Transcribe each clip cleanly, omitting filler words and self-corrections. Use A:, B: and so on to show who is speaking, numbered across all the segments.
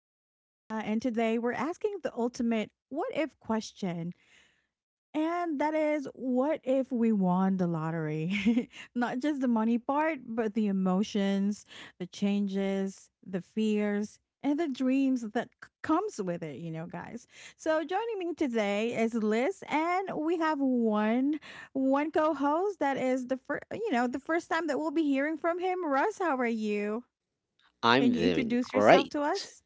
A: I'm Nika, and today we're asking the ultimate what if question. And that is, what if we won the lottery? Not just the money part, but the emotions, the changes, the fears, and the dreams that comes with it, you know, guys. So joining me today is Liz, and we have one co-host that is the first, you know, the first time that we'll be hearing from him. Russ, how are you?
B: I'm
A: Can you
B: doing
A: introduce yourself
B: great.
A: to us?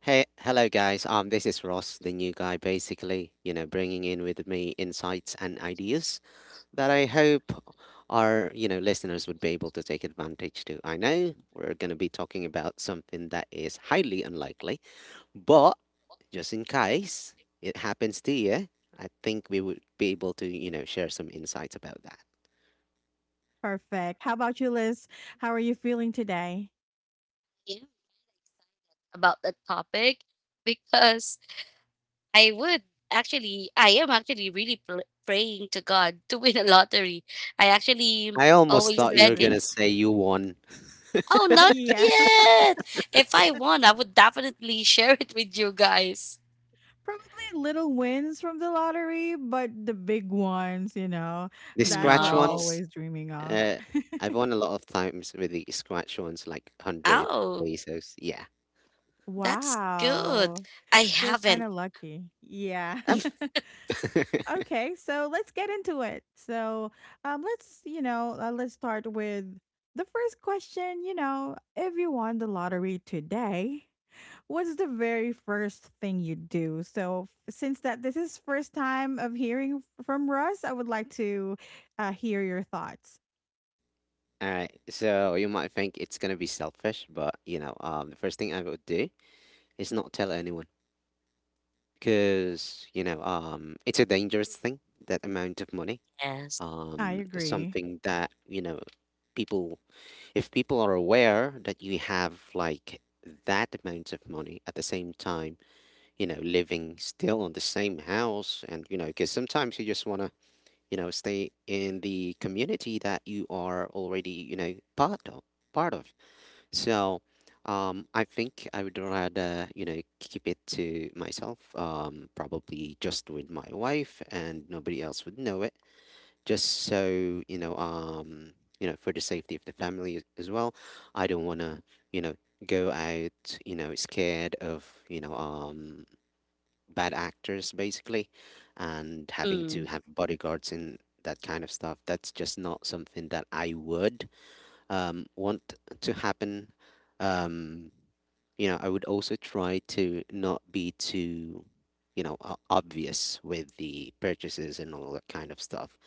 B: Hey, hello guys. This is Ross, the new guy, basically, you know, bringing in with me insights and ideas that I hope our, you know, listeners would be able to take advantage to. I know we're going to be talking about something that is highly unlikely, but just in case it happens to you, I think we would be able to, you know, share some insights about that.
A: Perfect. How about you, Liz? How are you feeling today?
C: In about that topic because I would actually, I am actually really praying to God to win a lottery. I actually
B: I almost
C: always
A: Who
B: thought you were going
C: betting.
B: to
A: doesn't?
B: say you won
C: Oh,
A: Uh,
C: not
A: yeah.
C: yet. If I won, I would definitely share it with you guys.
A: Probably little wins from the lottery, but the big ones, you know,
B: the
A: that's
B: scratch
A: we're
C: No.
B: ones.
A: always dreaming of.
B: Uh, I've won a lot of times with the scratch ones, like 100
C: Oh,
B: pesos. Yeah.
C: that's good.
A: Wow.
C: I
A: You're kind
C: haven't.
A: of lucky. Yeah.
B: Oh.
A: Okay. So let's get into it. So let's start with the first question. You know, if you won the lottery today, what's the very first thing you do? So, f- since that this is first time of hearing from Russ, I would like to hear your thoughts.
B: All right. So you might think it's gonna be selfish, but you know, the first thing I would do is not tell anyone because you know, it's a dangerous thing, that amount of money.
C: Yes.
A: I agree.
B: Something that, you know, people, if people are aware that you have like that amount of money at the same time, you know, living still on the same house and, you know, because sometimes you just want to you know stay in the community that you are already you know part of so I think I would rather you know keep it to myself probably just with my wife and nobody else would know it just so you know for the safety of the family as well I don't want to you know go out you know scared of you know bad actors basically and having
C: Mm,
B: to have bodyguards and that kind of stuff that's just not something that I would want to happen um, you know I would also try to not be too you know obvious with the purchases and all that kind of stuff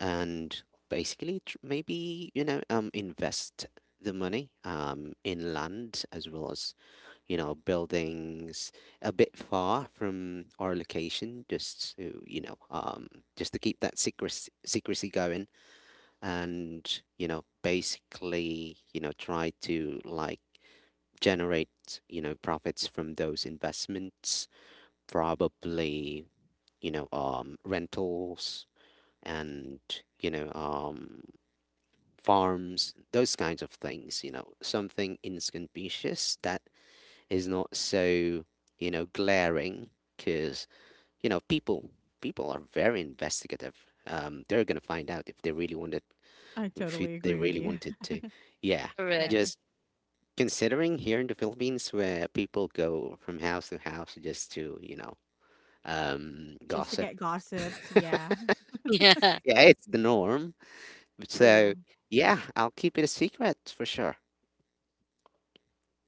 B: and basically maybe you know invest the money in land as well as you know, buildings a bit far from our location, just to, you know, just to keep that secrecy going, and you know, basically, you know, try to like generate, you know, profits from those investments, probably, you know, rentals and you know, farms, those kinds of things, you know, something inconspicuous that is not so you know glaring because you know people are very investigative they're gonna find out if they really wanted
A: I
B: if it-
A: totally
B: they
A: agree with
B: really
A: you.
B: wanted to. Yeah,
C: correct.
A: Yeah,
B: just considering here in the Philippines where people go from house to house just to you know
A: just to
B: gossip.
A: get gossips. Yeah,
C: Yeah.
B: Yeah, it's the norm,
A: true.
B: so yeah, I'll keep it a secret for sure.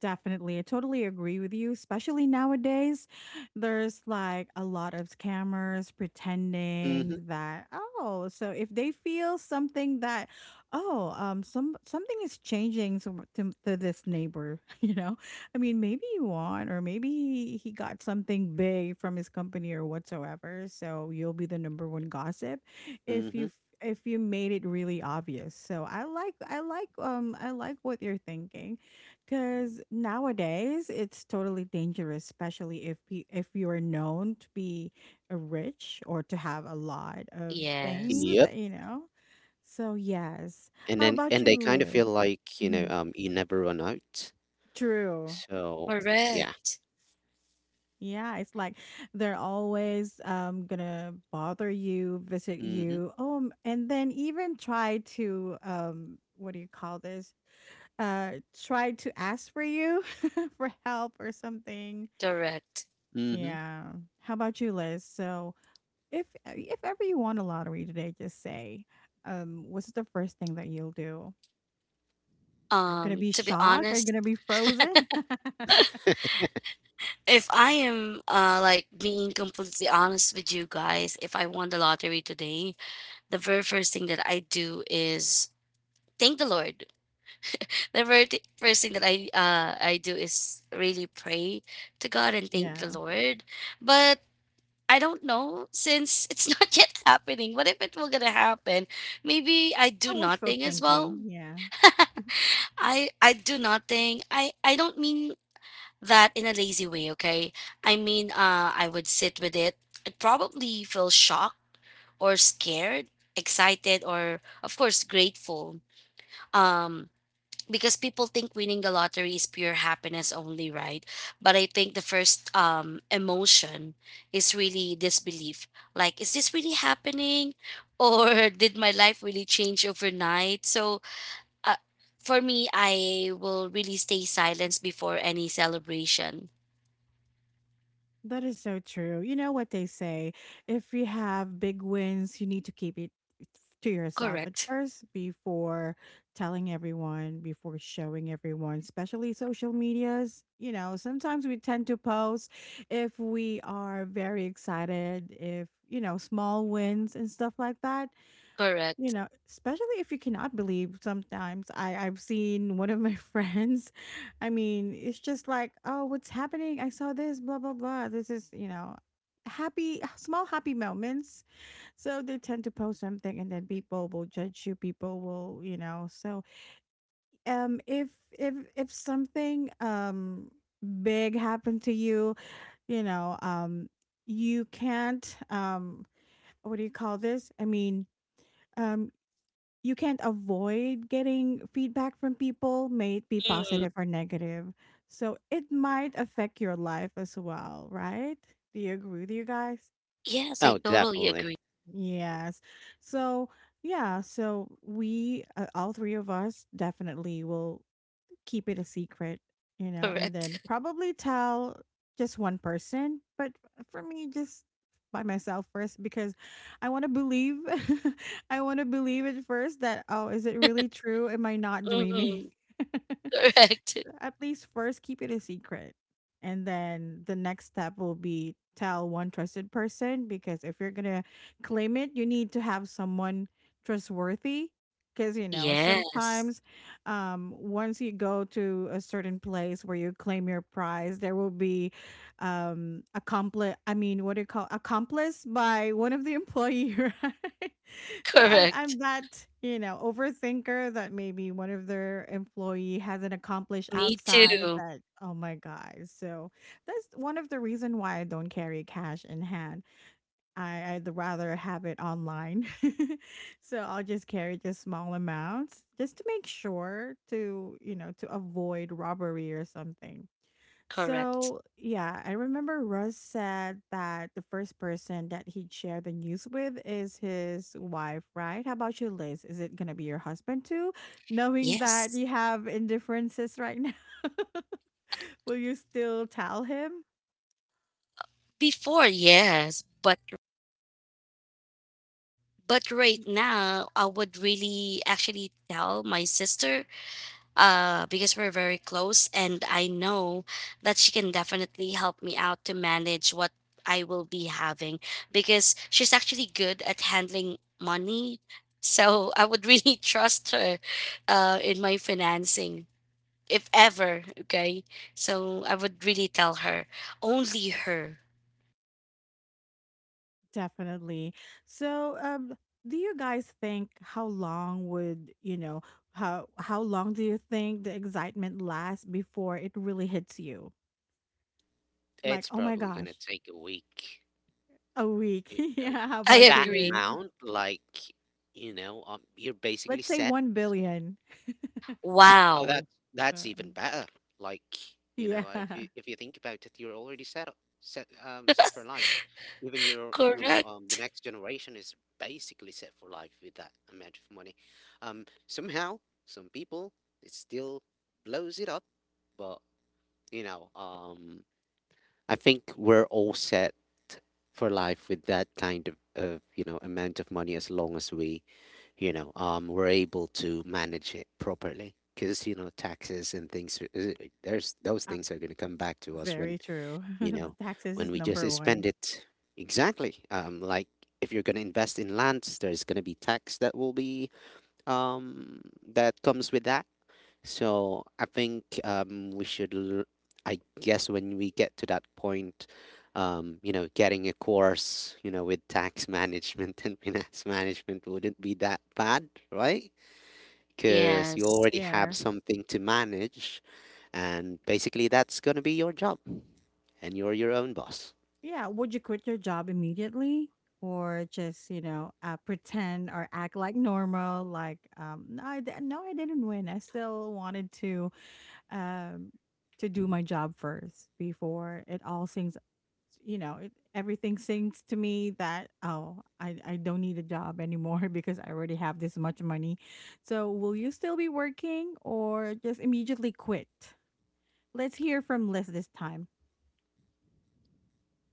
A: Definitely. I totally agree with you, especially nowadays. There's like a lot of scammers
B: Mm-hmm.
A: pretending that oh, so if they feel something that oh, some something is changing to this neighbor, you know. I mean, maybe you want or maybe he got something big from his company or whatsoever, so you'll be the number one gossip if you
B: Mm-hmm.
A: if you made it really obvious. So I like what you're thinking because nowadays it's totally dangerous, especially if you are known to be a rich or to have a lot of
C: Yes.
A: things,
B: Yep.
A: that you know. So yes,
B: And
A: how
B: then
A: about
B: and
A: you,
B: they kind of
A: Liz?
B: feel like you know
A: Mhm.
B: you never run out.
A: True.
B: So, yeah.
C: Correct.
A: Yeah, it's like they're always gonna bother you, visit
B: Mhm,
A: you, and then even try to what do you call this? Try to ask for you for help or something.
C: Correct.
B: mhm.
A: Yeah. How about you, Liz? So, if ever you won a lottery today, just say, what's the first thing that you'll do? Are you gonna
C: Um,
A: be
C: to be
A: shocked? Are you
C: honest,
A: gonna be frozen?
C: if I am like being completely honest with you guys, if I won the lottery today, the very first thing that I do is thank the Lord. The very first thing that I do is really pray to God and thank the
A: Yeah.
C: Lord. But I don't know since it's not yet happening. What if it will gonna happen? Maybe I do
A: I wishful
C: nothing as well.
A: thinking. Yeah.
C: I do nothing. I don't mean that in a lazy way, okay? I mean, I would sit with it. I'd probably feel shocked or scared, excited, or of course grateful. Um, because people think winning the lottery is pure happiness only, right? But I think the first emotion is really disbelief. Like, is this really happening? Or did my life really change overnight? So, uh, for me, I will really stay silent before any celebration.
A: That is so true. You know what they say, if you have big wins, you need to keep it to yourself at
C: Correct.
A: first before telling everyone, before showing everyone, especially social medias. You know, sometimes we tend to post if we are very excited, if, you know, small wins and stuff like that. You
C: Correct.
A: know, especially if you cannot believe sometimes. I've seen one of my friends. I mean, it's just like, oh, what's happening? I saw this, blah, blah, blah. This is, you know, happy, small happy moments. So they tend to post something and then people will judge you. People will, you know, so if something big happened to you, you know, you can't what do you call this? I mean, um you can't avoid getting feedback from people, may it be
C: Mm.
A: positive or negative. So it might affect your life as well, right? Do you agree with you guys?
C: Yes, I
B: Oh,
C: totally agree.
B: definitely.
A: Yes. So, yeah, so we all three of us definitely will keep it a secret, you know, and
C: Correct.
A: then probably tell just one person, but for me just by myself first because I want to believe I want to believe it first that oh, is it really true? Am I not dreaming?
C: Mhm. Correct.
A: So at least first keep it a secret. And then the next step will be tell one trusted person because if you're going to claim it, you need to have someone trustworthy. Because, you know,
C: Yes.
A: sometimes once you go to a certain place where you claim your prize, there will be accomplice, I mean, what do you call accomplice by one of the employee, right? So I'm
C: Correct.
A: that, you know, overthinker that maybe one of their employee has an accomplice
C: Me
A: outside
C: too.
A: that, oh my God. So that's one of the reason why I don't carry cash in hand. I'd rather have it online. So I'll just carry just small amounts just to make sure to, you know, to avoid robbery or something.
C: Correct.
A: So yeah, I remember Russ said that the first person that he'd share the news with is his wife, right? How about you, Liz? Is it gonna be your husband too? Knowing that
C: Yes.
A: you have indifferences right now, will you still tell him?
C: Before, yes, but right now I would really actually tell my sister, because we're very close, and I know that she can definitely help me out to manage what I will be having because she's actually good at handling money. So I would really trust her, in my financing, if ever. Okay. So I would really tell her, only her.
A: Definitely. So, do you guys think how long would you know how long do you think the excitement lasts before it really hits you? Like,
B: It's
A: oh my
B: probably gonna
A: gosh,
B: take a week,
A: a week.
B: you know,
A: Yeah. How
C: I
A: about you,
B: that
C: agree.
A: Liz?
B: amount, like, you know, you're basically
A: Let's say
B: set.
A: 1 billion.
B: Oh,
C: Wow.
B: that's
A: Uh,
B: even better. Like, you
A: yeah.
B: know, if you think about it, you're already set up, set set for life. Even your, you know,
C: Correct.
B: the next generation is basically set for life with that amount of money. Somehow, some people it still blows it up, but you know, I think we're all set for life with that kind of you know amount of money as long as we you know we're able to manage it properly because you know taxes and things are- is it- there's those
A: Uh,
B: things are going to come back to us when
A: very true.
B: you
A: The
B: know
A: taxes
B: when
A: is
B: we just
A: number
B: spend
A: one.
B: it. Exactly, like if you're going to invest in lands there's going to be tax that will be um that comes with that. So I think we should, I guess, when we get to that point, you know, getting a course, you know, with tax management and finance management wouldn't be that bad, right? Because you
C: Yes.
B: already have
A: Yes.
B: something to manage, and basically that's gonna be your job, and you're your own boss.
A: Yeah, would you quit your job immediately or just, you know, pretend or act like normal? Like, no, I didn't win. I still wanted um, to do my job first before it all sings. You know, it, everything sings to me that oh, I don't need a job anymore because I already have this much money. So, will you still be working or just immediately quit? Let's hear from Liz this time.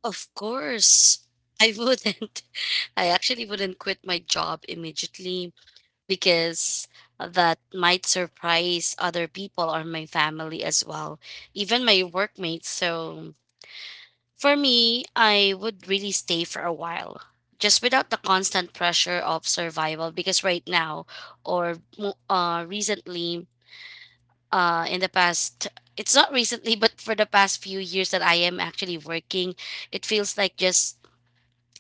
C: Of course. I wouldn't. I actually wouldn't quit my job immediately because that might surprise other people or my family as well, even my workmates. So for me, I would really stay for a while just without the constant pressure of survival because right now, or recently, in the past, it's not recently but for the past few years that I am actually working, it feels like just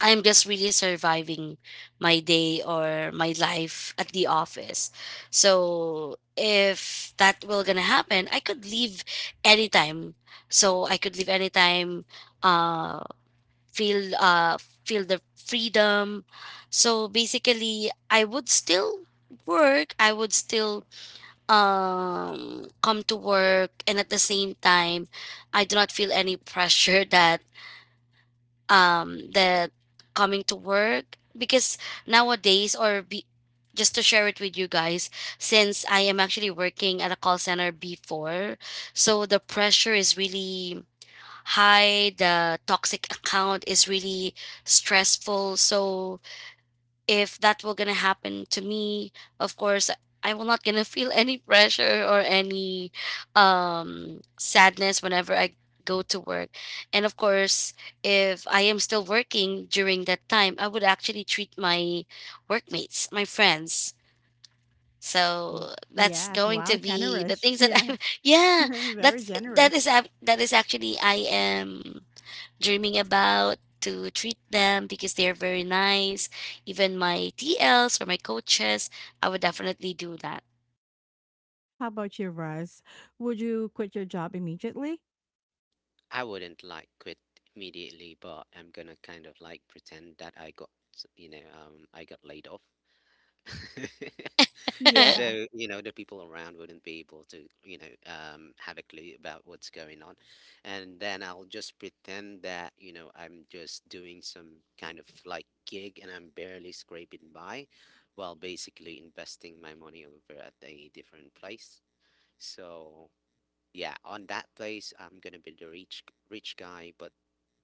C: I'm just really surviving my day or my life at the office. So if that will gonna happen, I could leave anytime. So I could leave anytime, uh feel uh feel the freedom. So basically I would still work, I would still come to work, and at the same time I do not feel any pressure that coming to work because nowadays just to share it with you guys, since I am actually working at a call center before. So the pressure is really high, the toxic account is really stressful. So if that were gonna happen to me, of course I will not gonna feel any pressure or any sadness whenever I go to work. And of course, if I am still working during that time, I would actually treat my workmates, my friends.
A: Wha-
C: So that's
A: Yes,
C: going
A: wow,
C: to be the
A: generous.
C: things that
A: Yeah.
C: I'm yeah,
A: Very
C: that's that is
A: generous.
C: ac- that is actually I am dreaming about, to treat them because they're very nice. Even my TLs or my coaches, I would definitely do that.
A: How about you, Russ? Would you quit your job immediately?
B: I wouldn't like quit immediately, but I'm gonna kind of like pretend that I got, you know, I got laid off. Just
A: Yeah.
B: so, you know, the people around wouldn't be able to, you know, have a clue about what's going on. And then I'll just pretend that, you know, I'm just doing some kind of like gig and I'm barely scraping by while basically investing my money over at a different place. So, yeah, on that place, I'm gonna be the rich guy, but,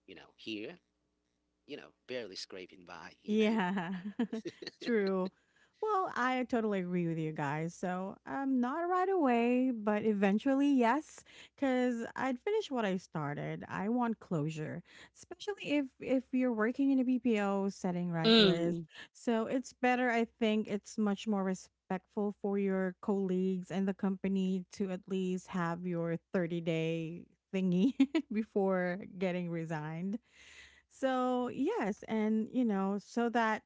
B: you know, here, you know, barely scraping by, you know,
A: Yeah, true. Well, I totally agree with you guys. So, not right away, but eventually, yes, because I'd finish what I started. I want closure, especially if you're working in a BPO setting, right, Liz?
C: Mm,
A: So it's better. I think it's much more respectful for your colleagues and the company to at least have your 30-day thingy before getting resigned. So, yes, and you know, so that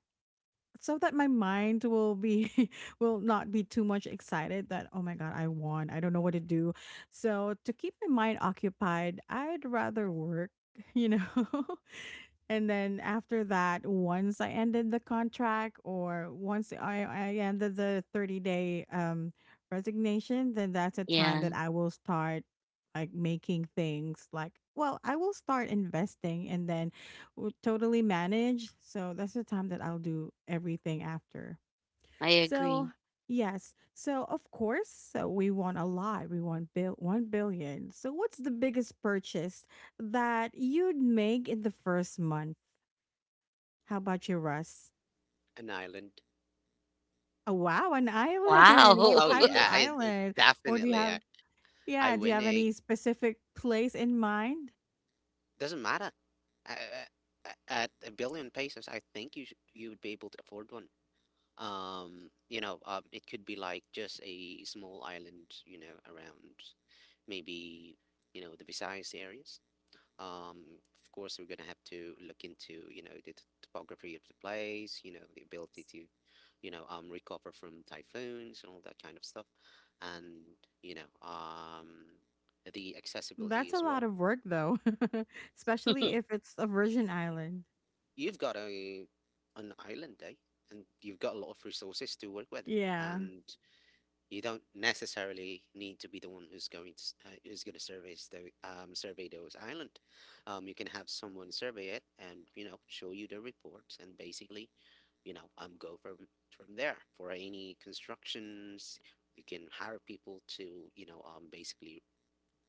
A: so that my mind will be will not be too much excited that oh my god, I won. I don't know what to do. So, to keep my mind occupied, I'd rather work, you know. And then after that, once I ended the contract or I ended the 30 day resignation, then that's a time
C: yeah,
A: that I will start like making things like, well, I will start investing and then totally manage. So that's the time that I'll do everything after.
C: I agree.
A: So, yes. So, of course, so we want a lot. We want bill 1 billion. So, what's the biggest purchase that you'd make in the first month? How about you, Russ?
B: an island.
A: Oh, wow, an island. What
C: Wow.
B: Oh
A: type of
B: yeah,
A: island? Or do you
B: definitely.
A: have,
B: I
A: Yeah, do you
B: win
A: have
B: a.
A: any specific place in mind?
B: Doesn't matter. A- a- At a billion pesos, I think you would be able to afford one. You know, it could be like just a small island, you know, around maybe, you know, the Visayas areas. Of course, we're gonna have to look into, you know, the topography of the place, you know, the ability to, you know, recover from typhoons and all that kind of stuff, and you know, the accessibility
A: That's a
B: as well.
A: lot of work, though, especially if it's a Virgin Island.
B: You've got a an island day and you've got a lot of resources to work with
A: Yeah,
B: and you don't necessarily need to be the one who's going to who's going to survey the survey those island, you can have someone survey it and you know show you the reports and basically you know go from there for any constructions. You can hire people to you know basically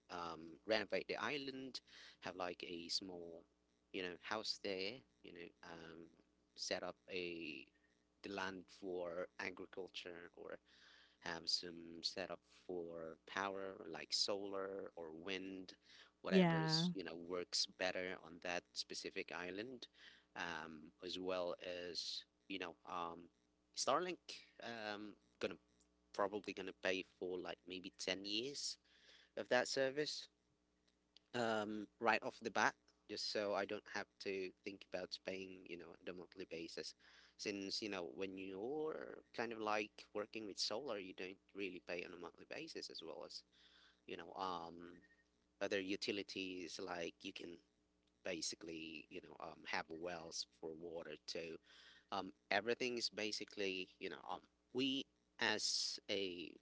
B: renovate the island, have like a small, you know, house there, you know, set up a the land for agriculture or have some set up for power like solar or wind, whatever
A: yeah,
B: is, you know, works better on that specific island, as well as, you know, Starlink, um, gonna probably gonna pay for like maybe 10 years of that service, right off the bat, just so I don't have to think about paying, you know, on a monthly basis. Since, you know, when you're kind of like working with solar, you don't really pay on a monthly basis as well as, you know, other utilities like you can basically, you know, have wells for water too. Everything is basically, you know, we as a,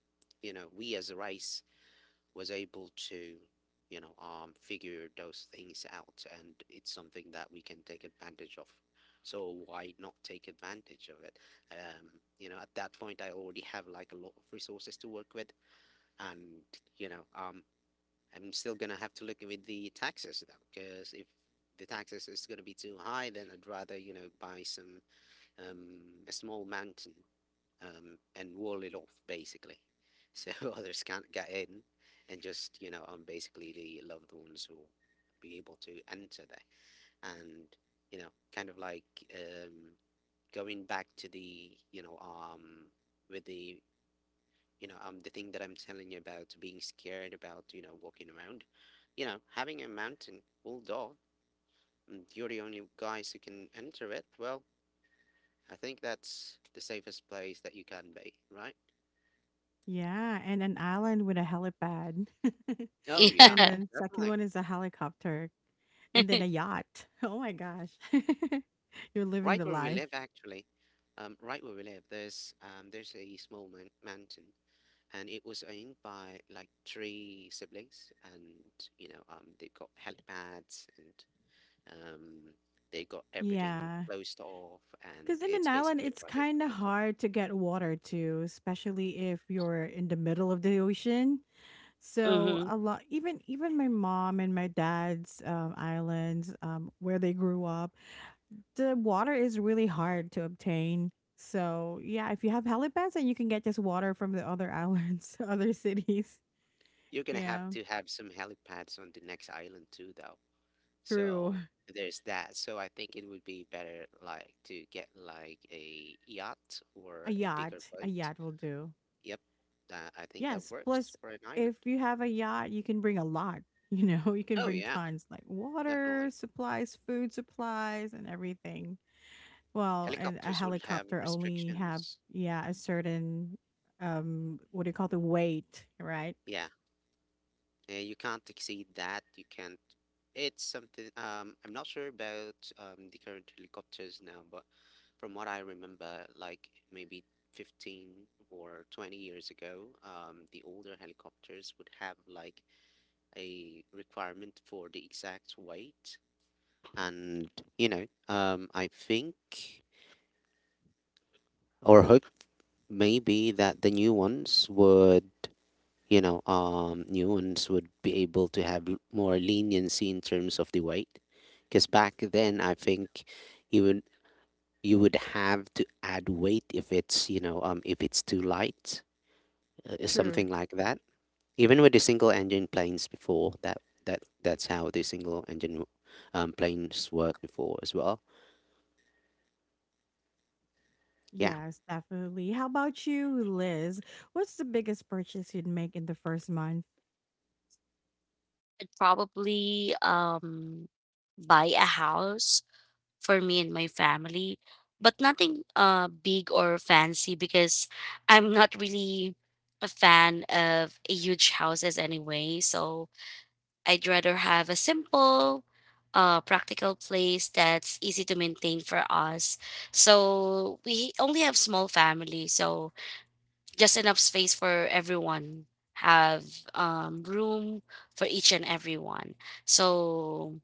B: you know, we as a rice was able to, you know, figure those things out, and it's something that we can take advantage of. So why not take advantage of it? Um, you know, at that point, I already have like a lot of resources to work with, and you know, I'm still gonna have to look with the taxes though, because if the taxes is gonna be too high, then I'd rather you know buy some a small mountain, and wall it off basically, so others can't get in, and just you know, I'm basically the loved ones who be able to enter there, and you know, kind of like um, going back to the you know, with the you know, the thing that I'm telling you about being scared about, you know, walking around, you know, having a mountain walled off, and you're the only guys who can enter it. Well, I think that's the safest place that you can be, right?
A: yeah. And an island with a helipad.
B: Oh yeah,
A: And
C: Yeah.
A: then, second
B: definitely.
A: one is a helicopter and then a yacht. Oh my gosh. You're living
B: Right
A: the
B: where we
A: life.
B: live, actually, right where we live, there's a small man mountain, and it was owned by like three siblings, and you know, they've got helipads and um, they got everything
A: Yeah.
B: closed off, and
A: Because in an
B: it's
A: island,
B: basically
A: it's
B: private
A: kind of
B: property.
A: hard to get water too, especially if you're in the middle of the ocean. So
C: Mm-hmm.
A: a lot, even my mom and my dad's islands, where they grew up, the water is really hard to obtain. So yeah, if you have helipads, and you can get just water from the other islands, other cities.
B: You're gonna have
A: Yeah,
B: to have some helipads on the next island too, though.
A: true.
B: So there's that. So I think it would be better like to get like a yacht
A: A
B: or a bigger
A: a
B: boat.
A: yacht will do.
B: Yep, that I think that
A: Yes.
B: works
A: Plus,
B: for an
A: if
B: island.
A: you have a yacht, you can bring a lot. You know, you can
B: Oh
A: bring
B: yeah,
A: tons like water,
B: definitely.
A: supplies, food supplies, and everything. Well, and a
B: Helicopters would have
A: helicopter only have,
B: restrictions.
A: yeah, a certain, what do you call the weight, right?
B: Yeah, you can't exceed that. You can't. It's something. I'm not sure about the current helicopters now, but from what I remember, like maybe 15 or 20 years ago, the older helicopters would have like a requirement for the exact weight, and you know, I think. Or hope. Maybe that the new ones would you know new ones would be able to have more leniency in terms of the weight because back then I think you would you would have to add weight if it's you know if it's too light,
A: True.
B: something like that. Even with the single engine planes before that that's how the single engine planes worked before as well. Yeah,
A: Yes, definitely. How about you, Liz? What's the biggest purchase you'd make in the first month?
C: I'd probably buy a house for me and my family, but nothing big or fancy because I'm not really a fan of huge houses anyway. So I'd rather have a simple, practical place that's easy to maintain for us. So we only have small family, so just enough space for everyone. Have, room for each and everyone. So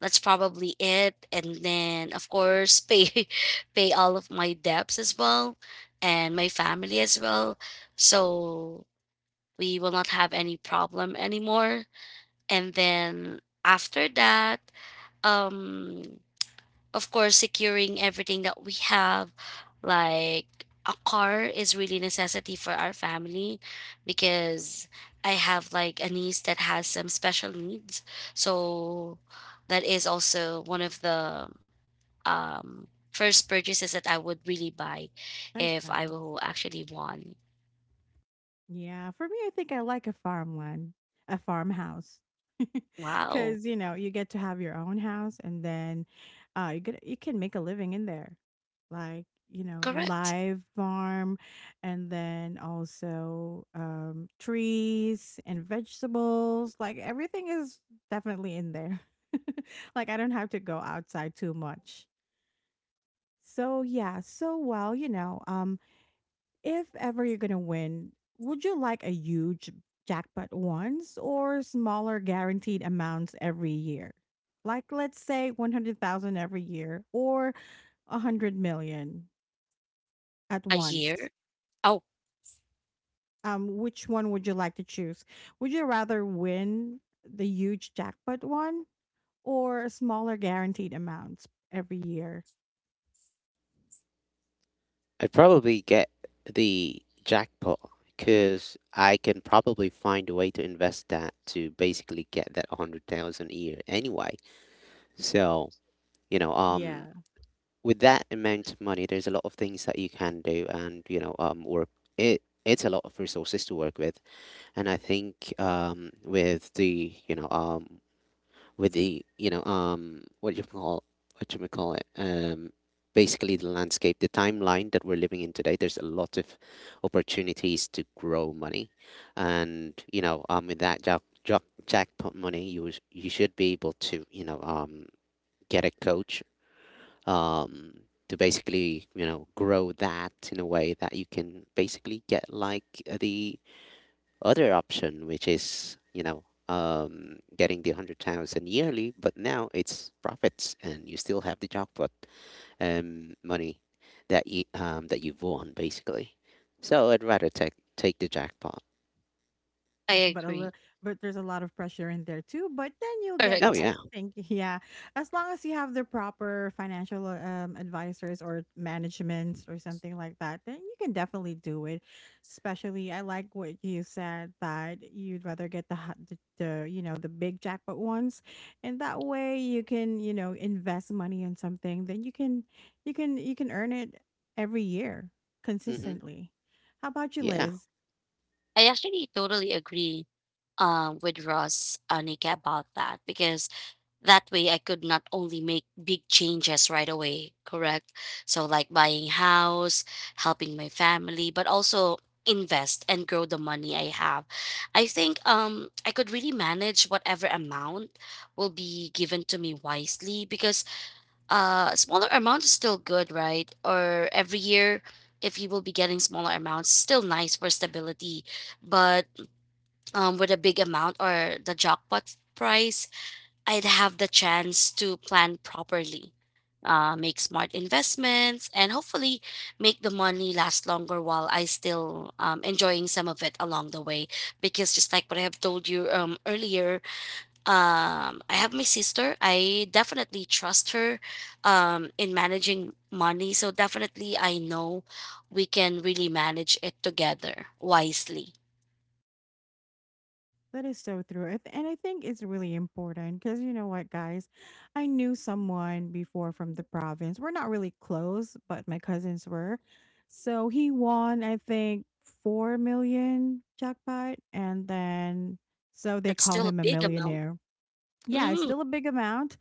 C: that's probably it. And then of course pay pay all of my debts as well, and my family as well. So we will not have any problem anymore, and then after that, um of course securing everything that we have, like a car is really necessity for our family because I have like a niece that has some special needs. So that is also one of the um first purchases that I would really buy
A: That's
C: if I
A: nice.
C: will actually want.
A: Yeah, for me, I think I like a farmland, a farmhouse.
C: Wow.
A: Because, you know, you get to have your own house and then get, you can make a living in there. Like, you know,
C: Correct.
A: live farm and then also trees and vegetables. Like, everything is definitely in there. Like, I don't have to go outside too much. So, yeah. So, well, you know, if ever you're going to win, would you like a huge jackpot once or smaller guaranteed amounts every year? Like let's say 100,000 every year or 100 million at
C: A
A: once.
C: year. Oh.
A: Which one would you like to choose? Would you rather win the huge jackpot one or smaller guaranteed amounts every year?
B: I'd probably get the jackpot because I can probably find a way to invest that to basically get that 100,000 a year anyway. So, you know,
A: Yeah.
B: with that amount of money, there's a lot of things that you can do and, you know, work. It's a lot of resources to work with. And I think, with the you know what you call it, basically the landscape, the timeline that we're living in today, there's a lot of opportunities to grow money. And with that jackpot money, you should be able to, get a coach um to basically, grow that in a way that you can basically get, like, the other option, which is, getting the 100,000 yearly, but now it's profits and you still have the jackpot money that you, that you've won basically. So I'd rather take the jackpot.
C: I
A: Yes, but a little,
C: agree.
A: but there's a lot of pressure in there too. But then you'll get,
B: Oh
C: Correct.
A: I
B: yeah.
A: think, yeah, as long as you have the proper financial advisors or managements or something like that, then you can definitely do it. Especially, I like what you said that you'd rather get the the big jackpot ones, and that way you can, you know, invest money in something. Then you can, you can earn it every year
B: Hmm.
A: consistently. How about you,
B: Yeah.
A: Liz?
C: I actually totally agree, with Ross, Anika, about that because that way I could not only make big changes right away, correct? So like buying house, helping my family, but also invest and grow the money I have. I think, I could really manage whatever amount will be given to me wisely because, smaller amount is still good, right? Or every year, if you will be getting smaller amounts, still nice for stability, but, with a big amount or the jackpot price, I'd have the chance to plan properly, make smart investments, and hopefully make the money last longer while I still, enjoying some of it along the way. Because just like what I have told you, earlier, I have my sister. I definitely trust her, in managing money. So definitely, I know we can really manage it together wisely.
A: That is so true. And I think it's really important because you know what, guys? I knew someone before from the province. We're not really close, but my cousins were. So he won, I think, 4 million jackpot. And then, so they
C: That's
A: call
C: still a
A: him a
C: big amount.
A: millionaire. Yeah, it's
C: Mhm.
A: still a big amount.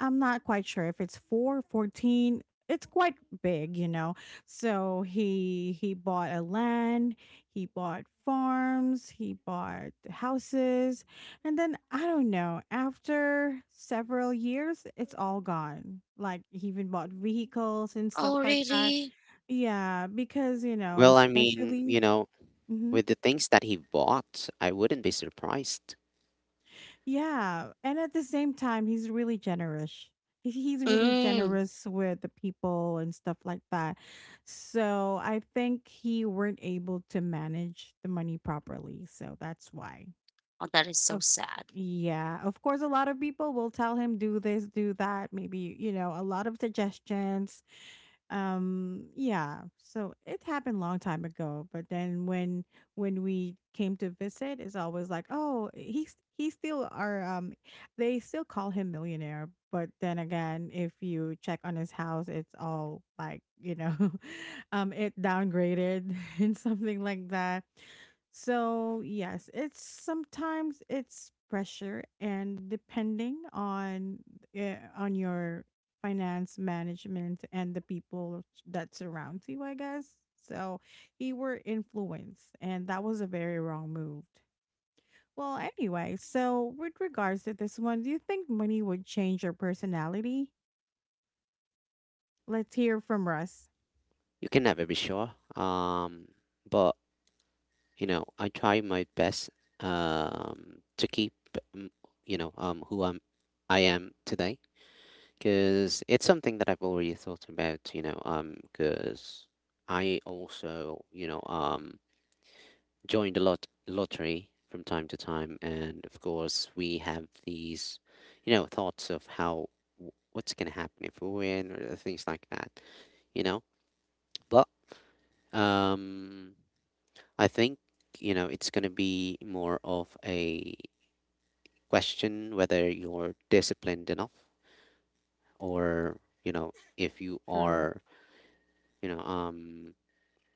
A: I'm not quite sure if it's 4:14. It's quite big, you know. So he bought a land, he bought farms, he bought houses, and then I don't know, after several years, it's all gone. Like he even bought vehicles and stuff
C: Oh,
A: like that.
C: really?
A: Yeah, because you know,
B: Well, I mean,
A: especially mm-hmm.
B: with the things that he bought, I wouldn't be surprised.
A: Yeah, and at the same time, he's really generous. He's really
C: Mm.
A: generous with the people and stuff like that. So I think he weren't able to manage the money properly. So that's why.
C: Oh, that is so
A: Of
C: sad.
A: yeah, of course, a lot of people will tell him do this, do that. Maybe you know a lot of suggestions. Um yeah so it happened long time ago, but then when we came to visit, it's always like, oh, he's still our they still call him millionaire. But then again, if you check on his house, it's all like, you know, it downgraded and something like that. So yes, it's sometimes it's pressure, and depending on your finance management and the people that surrounds you, I guess. So he were influenced, and that was a very wrong move. Well, anyway, so with regards to this one, do you think money would change your personality? Let's hear from Russ.
B: You can never be sure. But, I try my best, to keep, mm, you know, um, who I'm, I am today, because it's something that I've already thought about, because I also, joined the lottery from time to time, and of course we have these, thoughts of how, what's gonna happen if we win, or things like that, you know, but um, I think it's going to be more of a question whether you're disciplined enough, or you know if you
A: True,
B: are you know um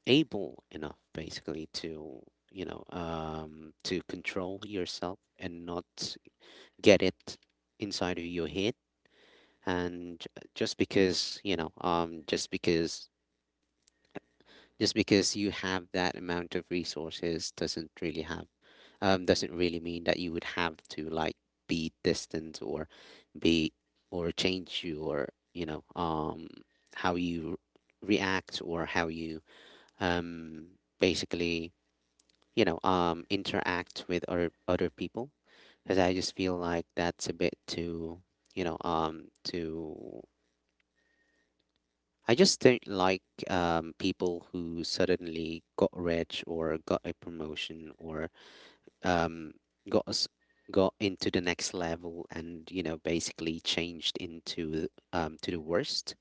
B: able enough basically to control yourself and not get it inside of your head. And just because you know um just because just because you have that amount of resources, doesn't really have doesn't really mean that you would have to, like, be distant or be or change your, you know um, how you react, or how you, um, basically, interact with other people, because I just feel like that's a bit too, you know um too I just don't like people who suddenly got rich, or got a promotion, or um, got us got into the next level and basically changed, into to the worst.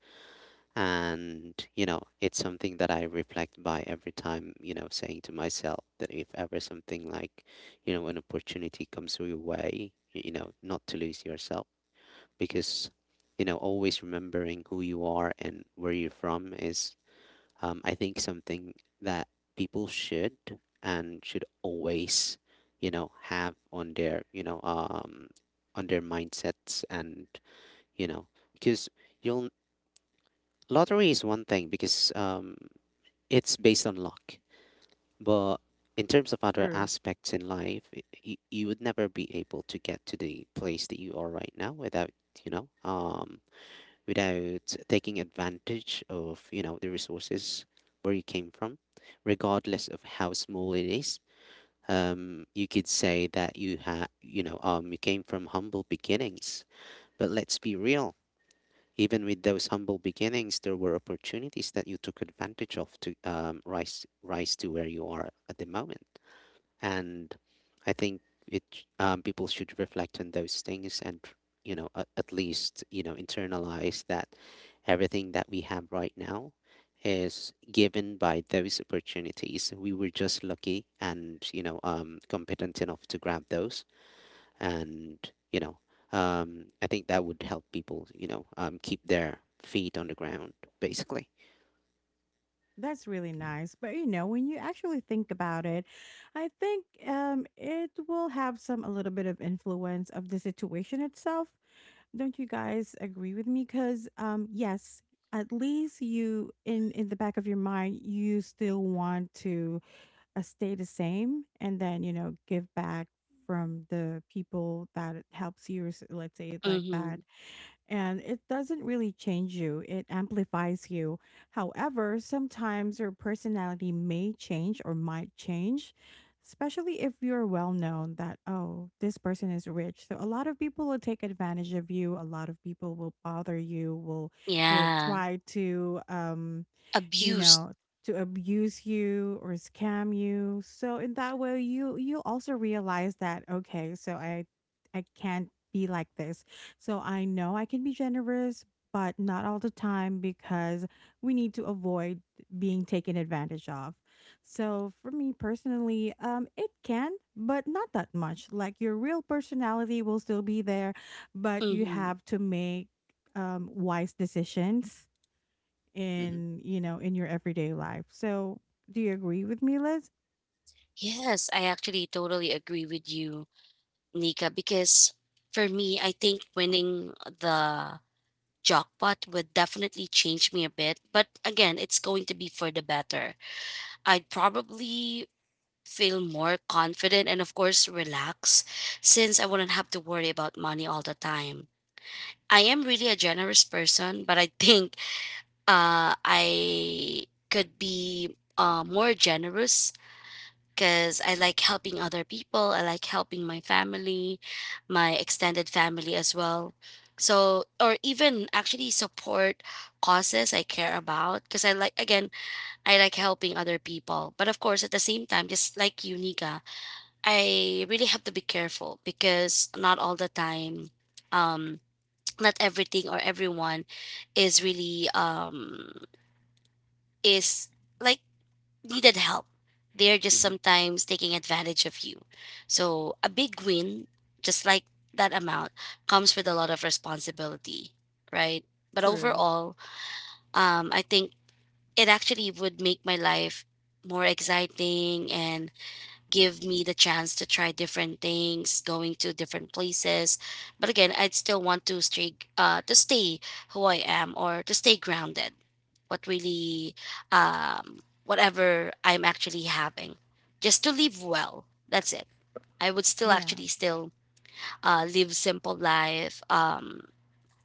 B: And it's something that I reflect by every time, saying to myself that if ever something, like, an opportunity comes your way, not to lose yourself, because, always remembering who you are and where you're from is, I think, something that people should, and should always, have on their, on their mindsets. And, you know, because you'll Lottery is one thing because, it's based on luck, but in terms of other
A: true.
B: aspects in life, you would never be able to get to the place that you are right now without, you know, um, without taking advantage of the resources where you came from, regardless of how small it is. You could say that, you ha you know you came from humble beginnings. But let's be real, even with those humble beginnings there were opportunities that you took advantage of to rise to where you are at the moment. And I think, it people should reflect on those things, and at least internalize that everything that we have right now is given by those opportunities. We were just lucky, and, competent enough to grab those, and, you know I think that would help people, keep their feet on the ground basically.
A: That's really nice, but you know, when you actually think about it, I think it will have some a little bit of influence of the situation itself. Don't you guys agree with me? Because yes, at least you in the back of your mind, you still want to stay the same, and then you know give back from the people that it helps you, or s- let's say it like that.
C: Mm-hmm.
A: And it doesn't really change you, it amplifies you. However, sometimes your personality may change or might change, especially if you're well known that, oh, this person is rich. So a lot of people will take advantage of you, a lot of people will bother you, will
C: Yeah.
A: try to you
C: Abused.
A: know, to abuse you or scam you. So in that way you also realize that okay, so I can't be like this. So I know I can be generous, but not all the time, because we need to avoid being taken advantage of. So for me personally, it can, but not that much. Like your real personality will still be there, but you
C: Mm-hmm.
A: have to make wise decisions
B: Hmm.
A: in you know in your everyday life. So do you agree with me, Liz?
C: Yes, I actually totally agree with you, Nika, because for me, I think winning the jackpot would definitely change me a bit. But again, it's going to be for the better. I'd probably feel more confident and, of course, relax since I wouldn't have to worry about money all the time. I am really a generous person, but I think, I could be, more generous because I like helping other people. I like helping my family, my extended family as well. So, or even actually support causes I care about because I like, again, I like helping other people. But of course, at the same time, just like you, Nika, I really have to be careful because not all the time, um, not everything or everyone is really um is like needed help. They're just
B: Hmm.
C: sometimes taking advantage of you. So a big win, just like that amount, comes with a lot of responsibility, right? But
A: True.
C: overall, I think it actually would make my life more exciting and give me the chance to try different things, going to different places. But again, I'd still want to stay who I am, or to stay grounded, what really whatever I'm actually having, just to live well, that's it. I would still
A: Yeah,
C: actually still live simple life,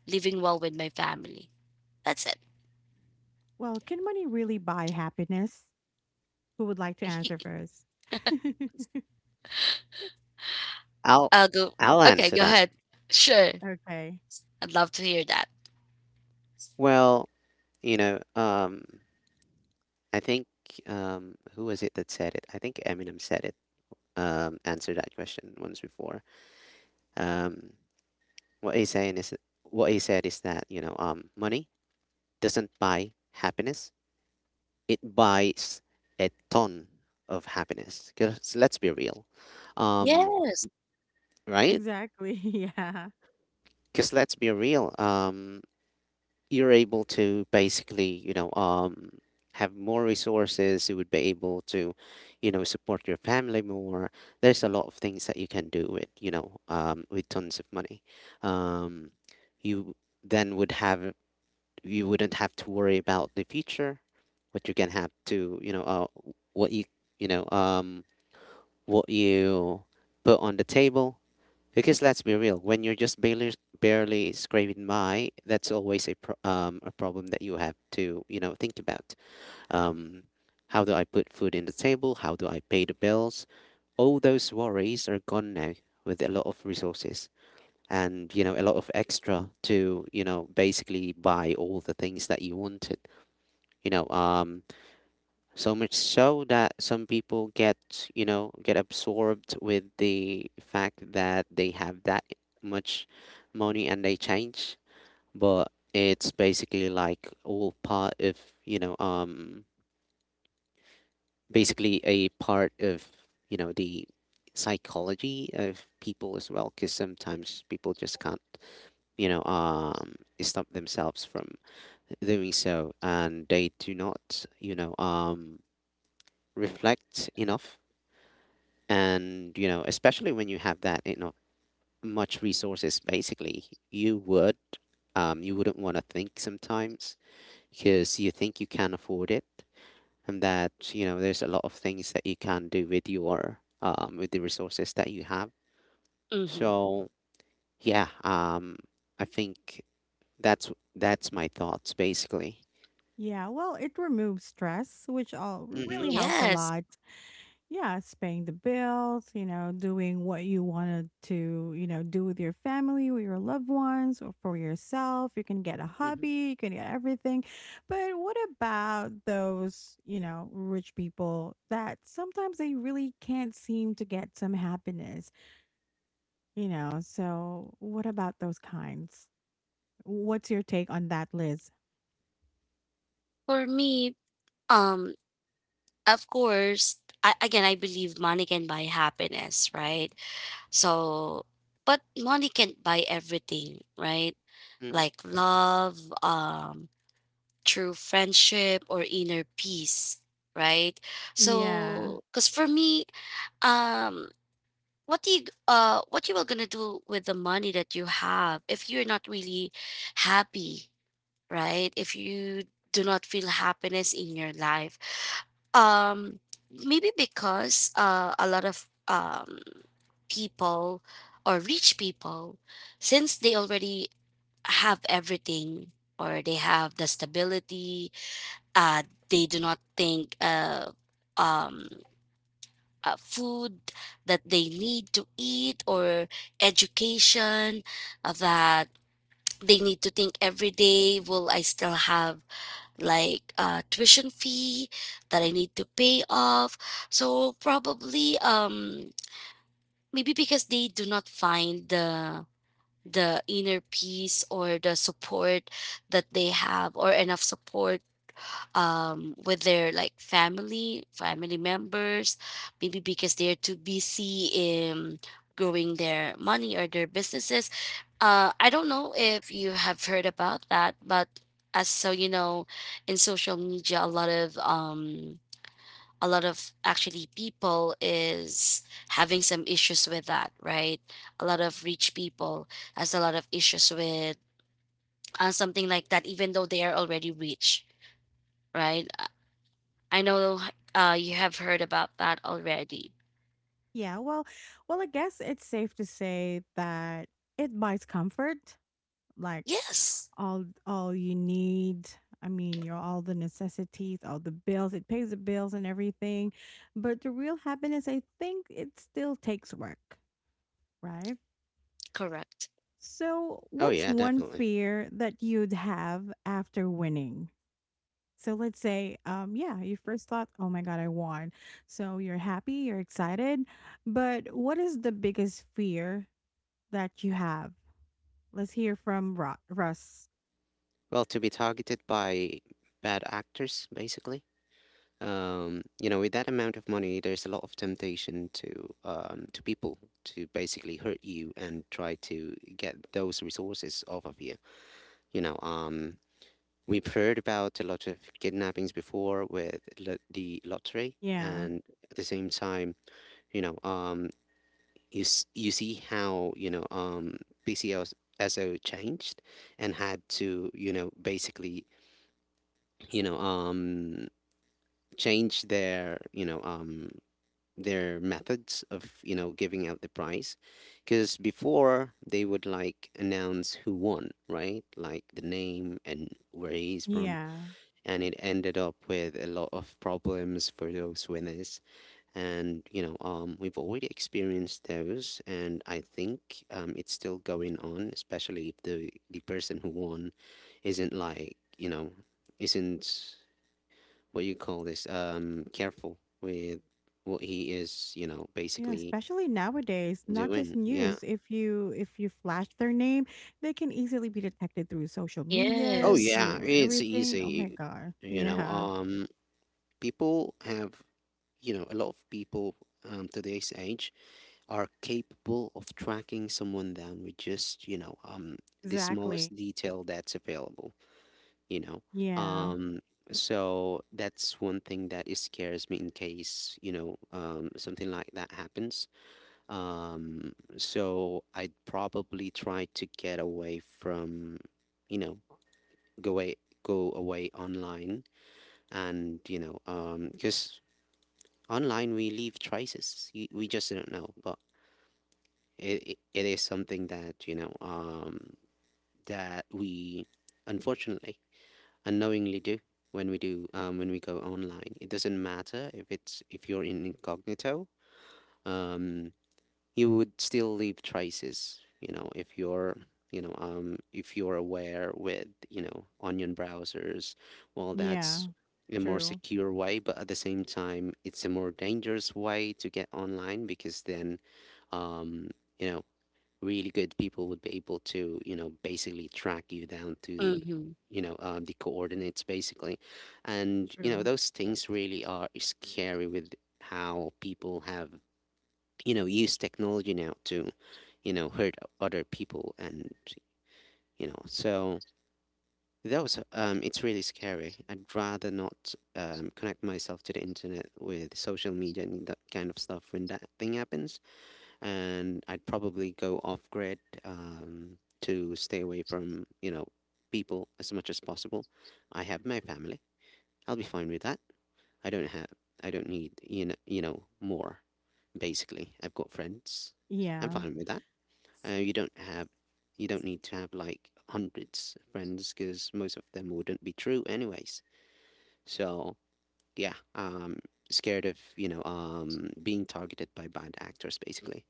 C: living well with my family, that's it.
A: well, can money really buy happiness? Who would like to answer first?
B: I'll
C: I'll go.
B: I'll
C: Okay,
B: answer
C: go
B: that.
C: ahead. Sure.
A: Okay.
C: I'd love to hear that.
B: Well, you know. I think, who was it that said it? I think Eminem said it. Answered that question once before. Um, what he's saying is that, what he said is that, money doesn't buy happiness. It buys a ton of happiness. Because let's be real, um,
C: Yeah.
B: right?
A: Exactly. Yeah.
B: Because let's be real. You're able to basically, have more resources. You would be able to, support your family more. There's a lot of things that you can do with, with tons of money. Um, you then would have, you wouldn't have to worry about the future, what you can have to, what you, you know, um, what you put on the table. Because let's be real, when you're just barely scraping by, that's always a pro a problem that you have to, think about. Um, how do I put food in the table? How do I pay the bills? All those worries are gone now with a lot of resources, and, a lot of extra to, basically buy all the things that you wanted. You know, um, so much so that some people get, get absorbed with the fact that they have that much money, and they change. But it's basically like all part of, you know, um, basically a part of, the psychology of people as well. Because sometimes people just can't, you know, um, stop themselves from doing so, and they do not, reflect enough. And especially when you have that much resources, basically you would, you wouldn't want to think sometimes because you think you can afford it, and that there's a lot of things that you can do with your, with the resources that you have.
C: Hmm.
B: So yeah, I think that's my thoughts basically.
A: Yeah, well, it removes stress which all
B: Mm-hmm.
A: really helps a
C: Yes.
A: lot. Yeah, it's paying the bills, you know, doing what you wanted to, you know, do with your family, with your loved ones, or for yourself. You can get a
B: Mm-hmm.
A: hobby, you can get everything. But what about those, you know, rich people that sometimes they really can't seem to get some happiness, you know? So, what about those kinds? What's your take on that, Liz?
C: For me, um of course, I, again I believe money can buy happiness, right? So, but money can't buy everything, right?
B: Mm-hmm.
C: Like love, true friendship, or inner peace, right?
A: Yeah.
C: So, because for me, um, what you are gonna do with the money that you have if you're not really happy, right? If you do not feel happiness in your life, um, maybe because, a lot of people, or rich people, since they already have everything or they have the stability, uh they do not think, um food that they need to eat, or education, that they need to think every day, will I still have like, tuition fee that I need to pay off. So probably, maybe because they do not find the inner peace, or the support that they have, or enough support, with their like family members, maybe because they're too busy in growing their money or their businesses. I don't know if you have heard about that, but as so you know, in social media, a lot of actually people is having some issues with that, right? A lot of rich people has a lot of issues with, something like that, even though they are already rich, right? I know, you have heard about that already.
A: Yeah, well, well, I guess it's safe to say that it buys comfort. Like
C: Yes,
A: all you need. I mean, you're all the necessities, all the bills. It pays the bills and everything. But the real happiness, I think it still takes work, right?
C: correct.
A: So,
B: Oh
A: what's
B: yeah,
A: one
B: definitely.
A: fear that you'd have after winning? So let's say, yeah, you first thought, oh my God, I won. So you're happy, you're excited. But what is the biggest fear that you have? Let's hear from Russ.
B: Well, to be targeted by bad actors basically. You know, with that amount of money, there's a lot of temptation to, to people to basically hurt you and try to get those resources off of you. You know, um, we've heard about a lot of kidnappings before with the lottery,
A: Yeah.
B: and at the same time, you know, um, you see how, PCSO changed, and had to, basically, you know um change their, their methods of, giving out the prize, because before they would, like, announce who won, right? Like, the name and where he's from.
A: Yeah.
B: And it ended up with a lot of problems for those winners. And we've already experienced those, and I think it's still going on, especially if the the person who won isn't, like, isn't, what you call this, careful with what he is,
A: Yeah,
B: basically
A: especially nowadays, not just
B: doing. Yeah.
A: news. If you flash their name, they can easily be detected through social
B: Oh
A: medias,
C: Yes.
B: yeah,
A: through
B: it's
A: everything. Oh my
B: easy.
A: god.
B: you know
A: Yeah.
B: um people have, a lot of people, today's age, are capable of tracking someone down with just, the
A: Exactly.
B: smallest detail that's available, you know.
A: Yeah.
B: um so that's one thing that is scares me, in case something like that happens. So I'd probably try to get away from, you know, go away, go away online. And, because online we leave traces. We just don't know, but it is something that, that we unfortunately unknowingly do, when we do, when we go online. It doesn't matter if it's, if you're in incognito. Um, you would still leave traces, you know, if you're, if you're aware with, you know, onion browsers. Well,
A: Yeah.
B: that's a more
A: True.
B: secure way, but at the same time, it's a more dangerous way to get online, because then, um, you know, really good people would be able to, basically track you down to,
C: Mhm.
B: the coordinates basically. And, you know,
A: True.
B: those things really are scary with how people have use technology now to hurt other people, and so that was, it's really scary. I'd rather not, connect myself to the internet with social media and that kind of stuff when that thing happens, and I'd probably go off grid, to stay away from people as much as possible. I have my family, I'll be fine with that. i don't have I don't need, more. Basically, I've got friends. I'm
A: Yeah.
B: fine with that. You don't have, you don't need to have, like, hundreds of friends, because most of them wouldn't be true anyways. So yeah, scared of, being targeted by bad actors basically.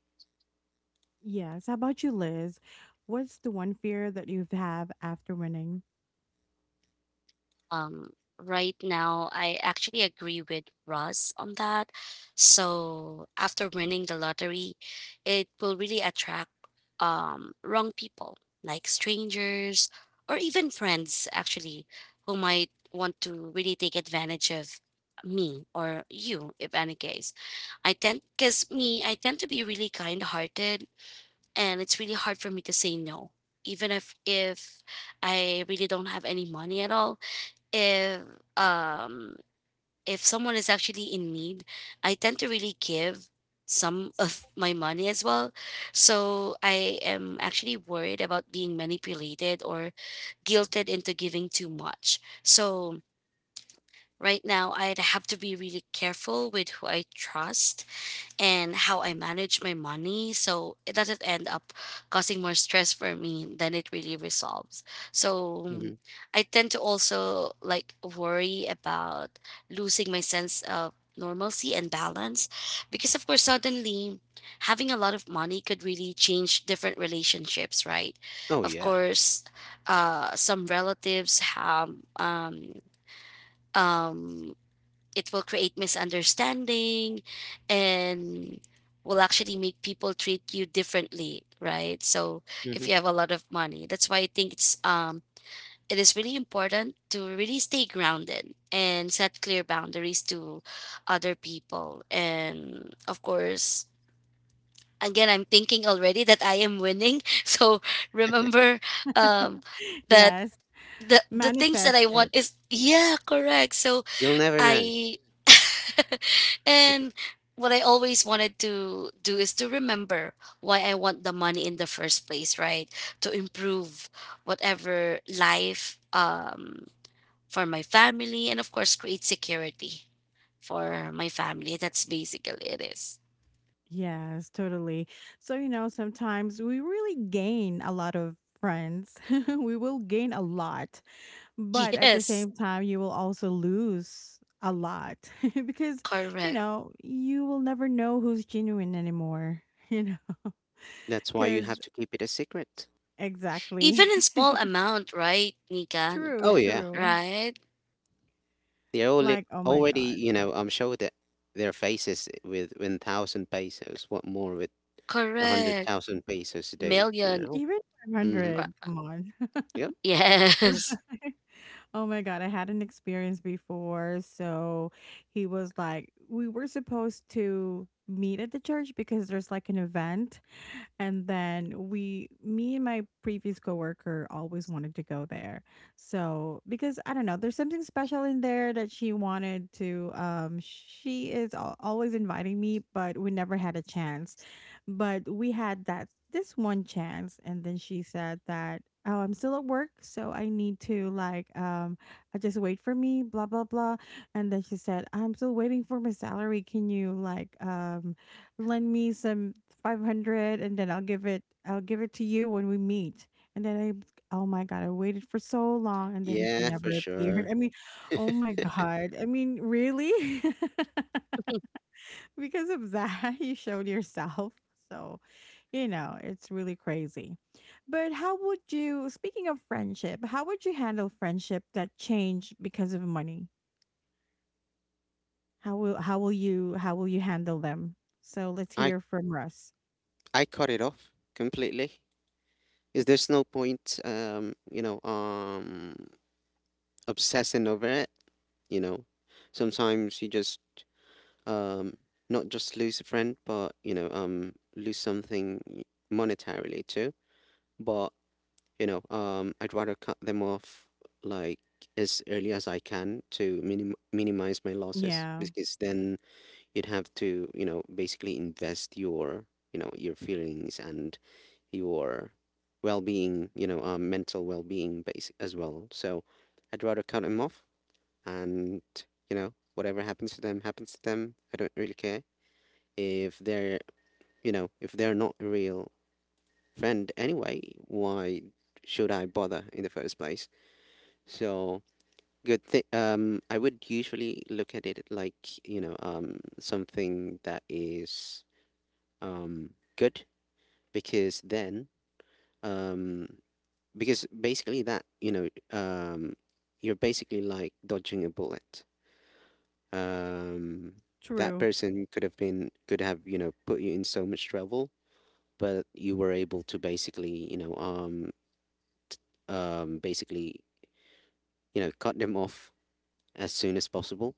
A: Yes. How about you, Liz? What's the one fear that you've after winning?
C: um right now I actually agree with Russ on that. So after winning the lottery, it will really attract wrong people, like strangers or even friends actually, who might want to really take advantage of me or you, if any case. I tend, because me, I tend to be really kind hearted, and it's really hard for me to say no, even if I really don't have any money at all. If um if someone is actually in need, I tend to really give some of my money as well. So I am actually worried about being manipulated or guilted into giving too much. So right now I'd have to be really careful with who I trust and how I manage my money, so it doesn't end up causing more stress for me than it really resolves. So
B: Hmm.
C: I tend to also like worry about losing my sense of normalcy and balance because, of course, suddenly having a lot of money could really change different relationships, right?
B: Oh
C: Of
B: yeah.
C: course, some relatives have, um um it will create misunderstanding and will actually make people treat you differently, right? So if
B: Hmm.
C: you have a lot of money, that's why I think it's it is really important to really stay grounded and set clear boundaries to other people. And of course, again, I'm thinking already that I am winning. So remember, um that
A: Yes.
C: the things that I want
A: Manifested.
C: is, yeah, correct. So
B: You'll never know.
C: I and what I always wanted to do is to remember why I want the money in the first place, right? To improve whatever life, for my family, and of course create security for my family. That's basically it is.
A: Yes, totally. So, you know, sometimes we really gain a lot of friends. We will gain a lot, but at the
C: Yes,
A: same time, you will also lose a lot, because, you
C: correct.
A: know, you will never know who's genuine anymore, you know,
B: That's why you have
A: because
B: to keep it a secret.
A: exactly.
C: Even in small amount, right, Nika?
A: True,
B: Oh yeah,
A: true.
C: Right?
B: they only
A: Like, oh my
B: already,
A: God,
B: showed it, their faces with 1,000 pesos. What more would a
C: Correct.
B: hundred thousand pesos to do?
C: Million.
B: You know.
A: even
B: Mm-hmm.
A: 500,
C: ri-
A: come on.
B: Yep.
C: Yes.
A: Oh my God, I had an experience before. So he was like, we were supposed to meet at the church because there's like an event, and then we, me and my previous coworker always wanted to go there. So, because I don't know, there's something special in there that she wanted to, she is al- always inviting me, but we never had a chance. But we had that, this one chance. And then she said that, oh, I'm still at work. So I need to, like, I just wait for me, blah, blah, blah. And then she said, I'm still waiting for my salary. Can you, like, lend me some 500, and then I'll give it to you when we meet." And then I oh my god, I waited for so long and then she
B: Yeah, for
A: never appeared.
B: sure.
A: I mean, oh my god. I mean, really? Because of that, you showed yourself. So, you know, it's really crazy. But how would you speaking of friendship, how would you handle friendship that changed because of money? How will you handle them? So, let's
B: I
A: hear from Russ.
B: I cut it off completely, because there's no point, obsessing over it. You know, sometimes you just um, not just lose a friend, but lose something monetarily too. But I'd rather cut them off like as early as I can to minimize my losses
A: Yeah,
B: because then you'd have to basically invest your your feelings and your well-being, mental well-being base as well. So I'd rather cut them off and, whatever happens to them happens to them. I don't really care if they're, if they're not a real friend anyway, why should I bother in the first place? So, good thing, I would usually look at it like, something that is um, good, because then, um, because basically that you know you're basically like dodging a bullet. Um, that
A: true.
B: person could have, you know, put you in so much trouble, but you were able to basically, basically, you know, cut them off as soon as possible.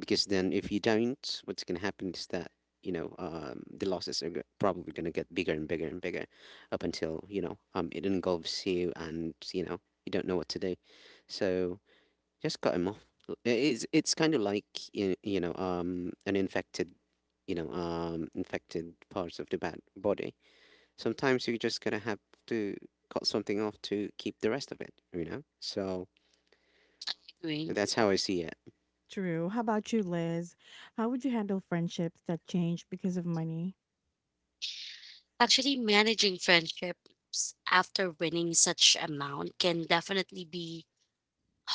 B: Because then if you don't, what's going to happen is that, the losses are probably going to get bigger and bigger and bigger up until, it engulfs you and you know you don't know what to do. So just cut him off. It's kind of like, an infected, infected parts of the bad body. Sometimes you're just going to have to cut something off to keep the rest of it, you know. So
C: Agree.
B: that's how I see it.
A: True. How about you, Liz? How would you handle friendships that change because of money?
C: Actually, managing friendships after winning such amount can definitely be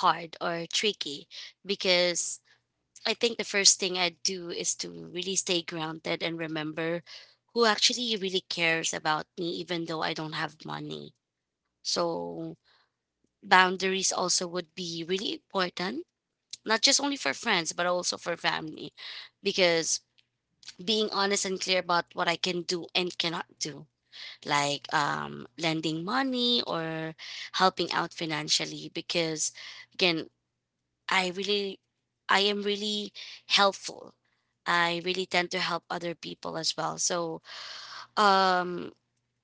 C: hard or tricky because I think the first thing I do is to really stay grounded and remember who actually really cares about me, even though I don't have money. So boundaries also would be really important, not just only for friends, but also for family, because being honest and clear about what I can do and cannot do, like lending money or helping out financially. Because again, i really I am really helpful. I really tend to help other people as well. So um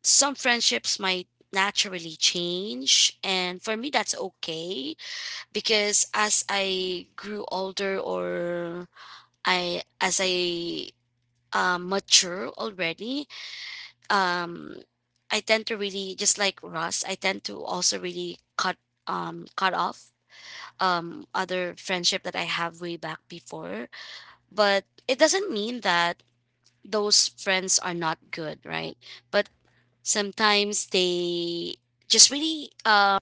C: some friendships might naturally change, and for me that's okay, because as I grew older, or I as I mature already, um I tend to really, just like Ross, I tend to also really cut cut off other friendship that I have way back before. But it doesn't mean that those friends are not good, right? But sometimes just really um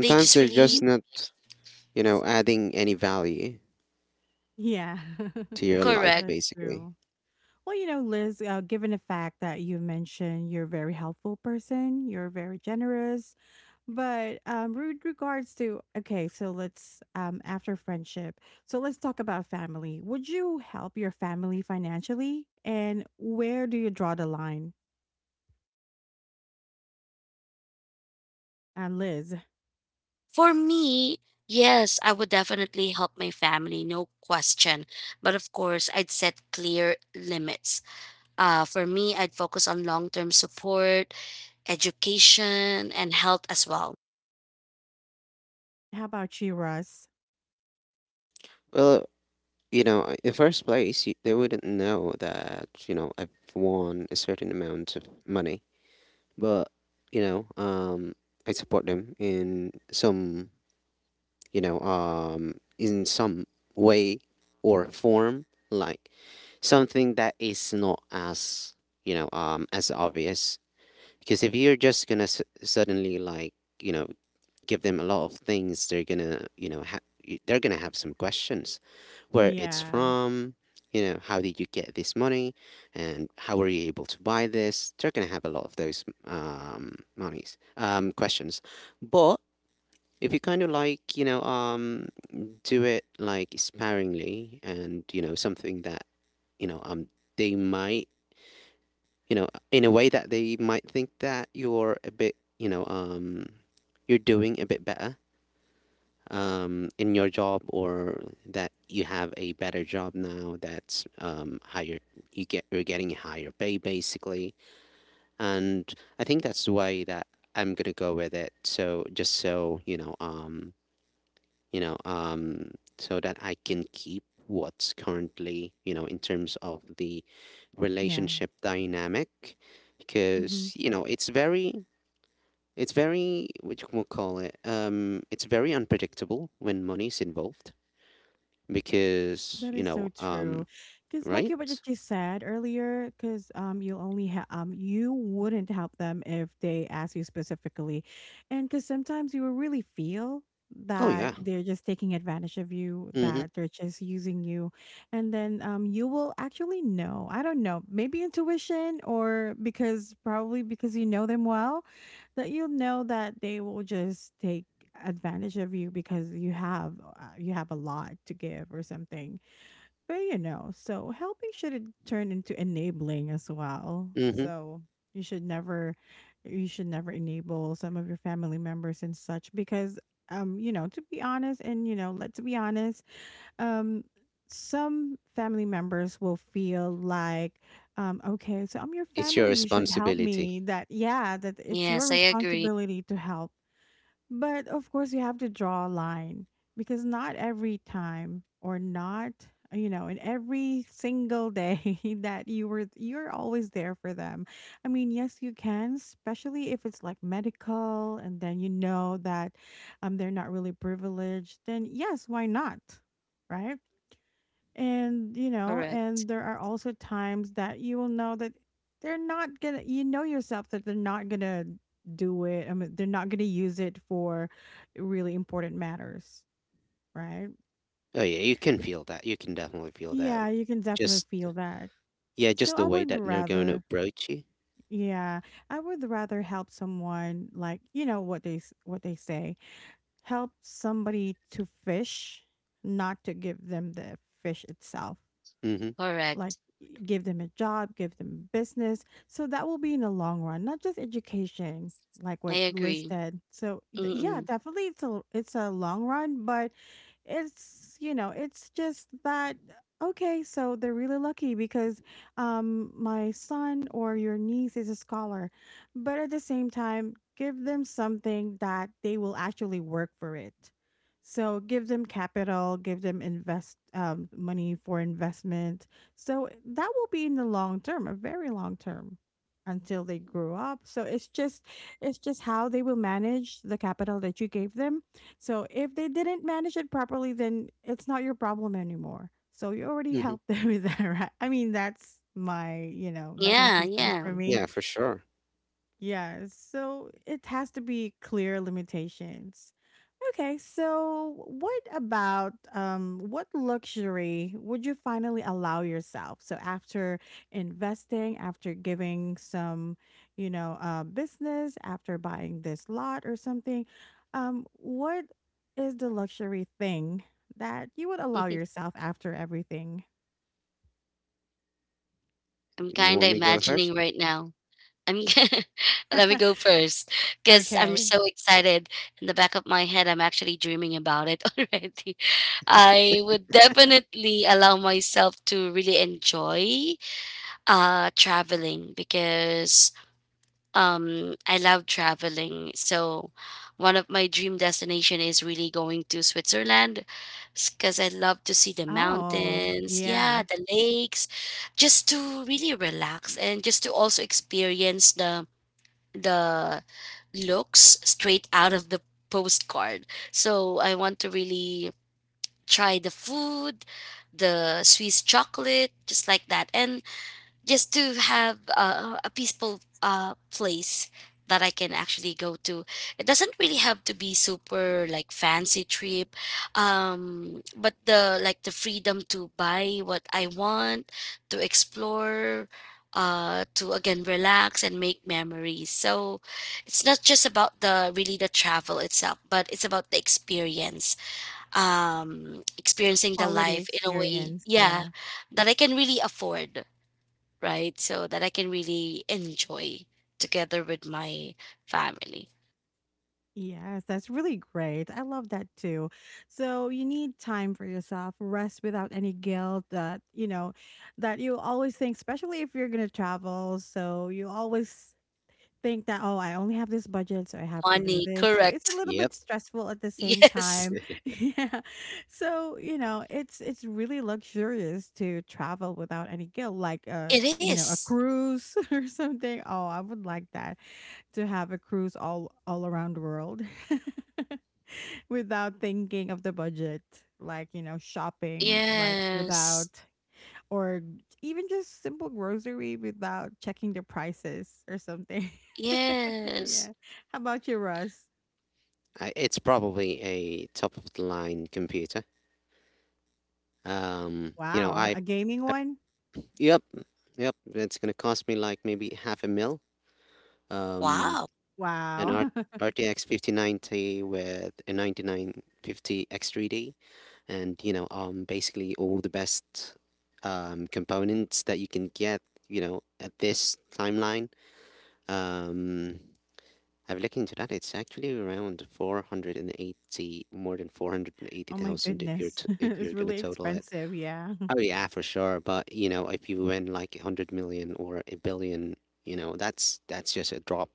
C: they just
B: they're just
C: really
A: Hmm.
B: not, you know, adding any value
A: Yeah,
B: to your life,
C: correct.
A: that's
B: basically.
A: true. Well, you know, Liz, given the fact that you mentioned you're a very helpful person, you're very generous, but with regards to, okay, so let's, after friendship, so let's talk about family. Would you help your family financially? And where do you draw the line? And Liz,
C: For me, yes, I would definitely help my family, no question. But of course I'd set clear limits. For me, I'd focus on long term support, education, and health as well.
A: how about you, Russ?
B: Well, you know, in first place, you, they wouldn't know that, you know, I've won a certain amount of money. But, you know, um, I support them in some, in some way or form, like something that is not as, as obvious. Because if you're just gonna suddenly like, you know, give them a lot of things, they're gonna, you know, they're gonna have some questions, where it's
A: Yeah,
B: from, you know, how did you get this money, and how were you able to buy this? They're gonna have a lot of those monies, questions. But if you kind of like, do it like sparingly, and you know, something that, you know, um, they might, you know, in a way that they might think that you're a bit, you're doing a bit better in your job, or that you have a better job now that's higher. You get you're getting a higher pay, basically. And I think that's the way that I'm gonna go with it. So just so you know um so that I can keep what's currently, you know, in terms of the
A: yeah.
B: relationship dynamic.
A: Mm-hmm.
B: Because you know it's very, it's very, what you will call it, it's very unpredictable when money's involved. Because
A: That is so true. Because like you what you
B: right.
A: just said earlier, because you'll only you wouldn't help them if they ask you specifically, and because sometimes you will really feel
B: Oh
A: that
B: yeah.
A: they're just taking advantage of you,
B: Mm-hmm.
A: that they're just using you, and then you will actually know. I don't know, maybe intuition or because probably because you know them well, that you'll know that they will just take advantage of you because you have a lot to give or something. But you know, so helping shouldn't turn into enabling as well.
B: Mm-hmm.
A: So you should never enable some of your family members and such, because you know, to be honest, and you know, let's be honest, um some family members will feel like okay so I'm your
B: It's your
A: family you should help me
B: responsibility.
A: that yeah that it's your
C: Yes, I agree.
A: responsibility to help. But of course, you have to draw a line because not every time or not, you know, in every single day that you were, you're always there for them. I mean, yes, you can, especially if it's like medical and then you know that they're not really privileged, then yes, why not? Right? And, you know,
C: Correct.
A: and there are also times that you will know that they're not gonna, you know yourself that they're not gonna do it. I mean, they're not gonna use it for really important matters, right?
B: Oh yeah, you can feel that. You can definitely feel that.
A: Yeah, you can definitely
B: Just,
A: feel that.
B: yeah, just
A: So
B: the
A: I
B: way
A: would
B: that they're going to
A: rather,
B: approach you.
A: yeah, I would rather help someone like, you know what they what they say, help somebody to fish, not to give them the fish itself.
B: Mm-hmm.
A: Like
C: Correct.
A: give them a job, give them business. So that will be in the long run, not just education, like
C: I
A: what Liz
C: agree.
A: said. So yeah,
C: Mm-mm.
A: definitely it's a long run, but it's you know it's just that okay. So they're really lucky because my son or your niece is a scholar, but at the same time give them something that they will actually work for it. So give them capital, give them invest money for investment, so eh, that will be in the long term, a very long term, until they grow up. So it's just how they will manage the capital that you gave them. So if they didn't manage it properly, then it's not your problem anymore. So you already
B: Mm-hmm.
A: helped them with that, right? I mean, that's my, you know, that's my
C: Yeah,
A: 2 cents
C: yeah.
A: for me.
B: Yeah, for sure.
A: Yeah, so it has to be clear limitations. Okay, so what about what luxury would you finally allow yourself? So after investing, after giving some, you know, business, after buying this lot or something, what is the luxury thing that you would allow yourself after everything?
C: I'm
B: You
C: kind of
B: want me to go first?
C: imagining right now. I'm let me go first because I'm
A: Okay.
C: so excited. In the back of my head, I'm actually dreaming about it already. I would definitely allow myself to really enjoy traveling because I love traveling. So one of my dream destination is really going to Switzerland, because I love to see the
A: Oh,
C: mountains,
A: yeah.
C: yeah, the lakes, just to really relax, and just to also experience the looks straight out of the postcard. So I want to really try the food, the Swiss chocolate, just like that. And just to have a peaceful place that I can actually go to. It doesn't really have to be super like fancy trip, but the, like, the freedom to buy what I want, to explore, to again relax and make memories. So it's not just about the really the travel itself, but it's about the experience, experiencing the
A: Quality
C: life in a way,
A: experience,
C: yeah,
A: yeah.
C: that I can really afford, right? So that I can really enjoy together with my family.
A: Yes, that's really great. I love that too. So you need time for yourself, rest without any guilt that, you know, that you always think, especially if you're going to travel. So you always think that, oh, I only have this budget, so I have to do
C: Money,
A: this. So it's a
C: correct.
A: little
B: Yep.
A: bit stressful at the same
C: Yes,
A: time. Yeah. So, you know, it's really luxurious to travel without any guilt, like
C: it
A: you know, a
C: is.
A: cruise or something. Oh, I would like that to have a cruise all around the world without thinking of the budget, like you know shopping, like
C: Yes,
A: without or even just simple grocery without checking the prices or something.
C: yes.
A: Yeah. How about you, Russ?
B: It's probably a top of the line computer. You know
A: Wow, a gaming
B: I
A: one.
B: Yep. Yep, it's going to cost me like maybe half a mil. um
C: Wow,
B: an
A: Wow.
B: R- RTX 5090 with a 9950 X3D, and you know, basically all the best components that you can get, you know, at this timeline. Um, I've looked into that. It's actually around 480, more than
A: Oh my
B: 480,000 if you're
A: goodness,
B: t if
A: it's
B: you're gonna
A: really
B: total it.
A: expensive, yeah.
B: Oh yeah, for sure. But you know, if you win like 100 million or a billion, you know, that's just a drop.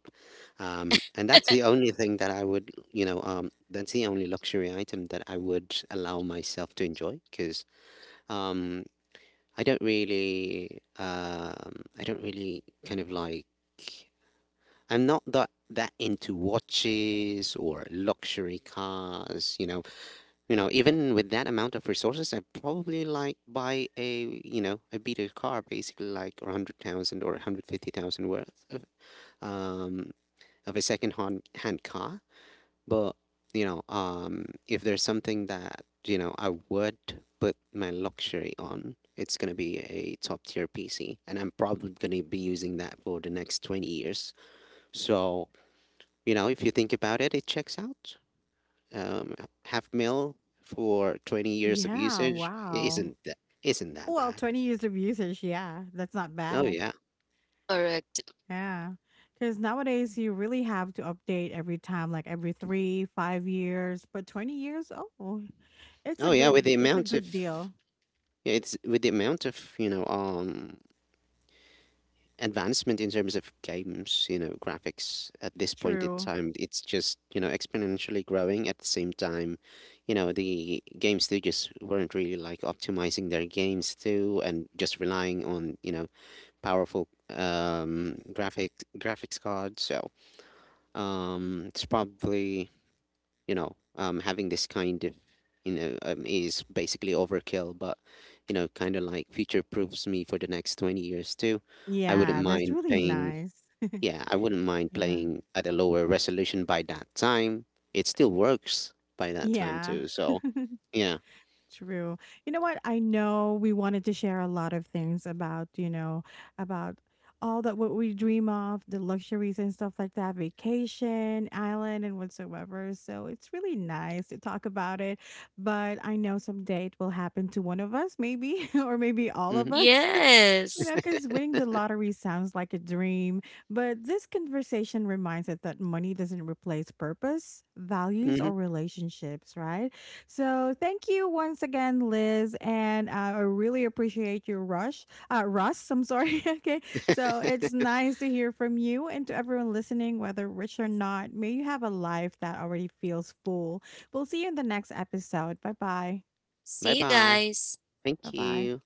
B: And that's the only thing that I would, you know, that's the only luxury item that I would allow myself to enjoy. Because um, I don't really kind of like, I'm not that into watches or luxury cars. You know, even with that amount of resources, I'd probably like buy, a you know, a beater car, basically like 100,000 or 150,000 worth um of a second hand car. But you know, if there's something that you know I would put my luxury on, it's gonna be a top tier PC, and I'm probably gonna be using that for the next 20 years. So you know, if you think about it, it checks out. Um, half mil for 20 years of
A: Yeah,
B: usage is
A: wow.
B: isn't that
A: Well,
B: bad.
A: 20 years of usage, yeah, that's not
B: Oh
A: bad.
B: yeah.
C: correct.
A: Yeah. Because nowadays you really have to update every time, like every 3, 5 years, but 20 years, oh,
B: Oh yeah, with the
A: it's a
B: amount
A: good
B: of,
A: deal.
B: yeah, it's with the amount of, you know, advancement in terms of games, you know, graphics at this point in
A: True.
B: time, it's just, you know, exponentially growing at the same time. You know, the game studios weren't really like optimizing their games too and just relying on, you know, powerful graphics cards. So it's probably, having this kind of, is basically overkill, but you know, kind of like future proofs me for the next 20 years too. I wouldn't
A: Yeah, that's
B: mind
A: really
B: paying,
A: nice.
B: yeah, I wouldn't mind
A: Yeah.
B: playing at a lower resolution by that time. It still works by that time
A: Yeah.
B: too. So yeah.
A: True. You know what? I know we wanted to share a lot of things about, you know, about all that what we dream of, the luxuries and stuff like that, vacation, island, and whatsoever. So it's really nice to talk about it. But I know someday it will happen to one of us, maybe, or maybe all of
B: Mm-hmm,
A: us. You
C: Yes.
A: know, because winning the lottery sounds like a dream, but this conversation reminds us that money doesn't replace purpose, values,
B: mm-hmm.
A: or relationships, right? So, thank you once again, Liz, and I really appreciate your rush, Russ. I'm sorry. Okay, so it's nice to hear from you, and to everyone listening, whether rich or not, may you have a life that already feels full. We'll see you in the next episode. Bye bye.
B: Bye
C: See you
B: bye.
C: guys.
A: Bye
B: Thank
A: bye.
B: you.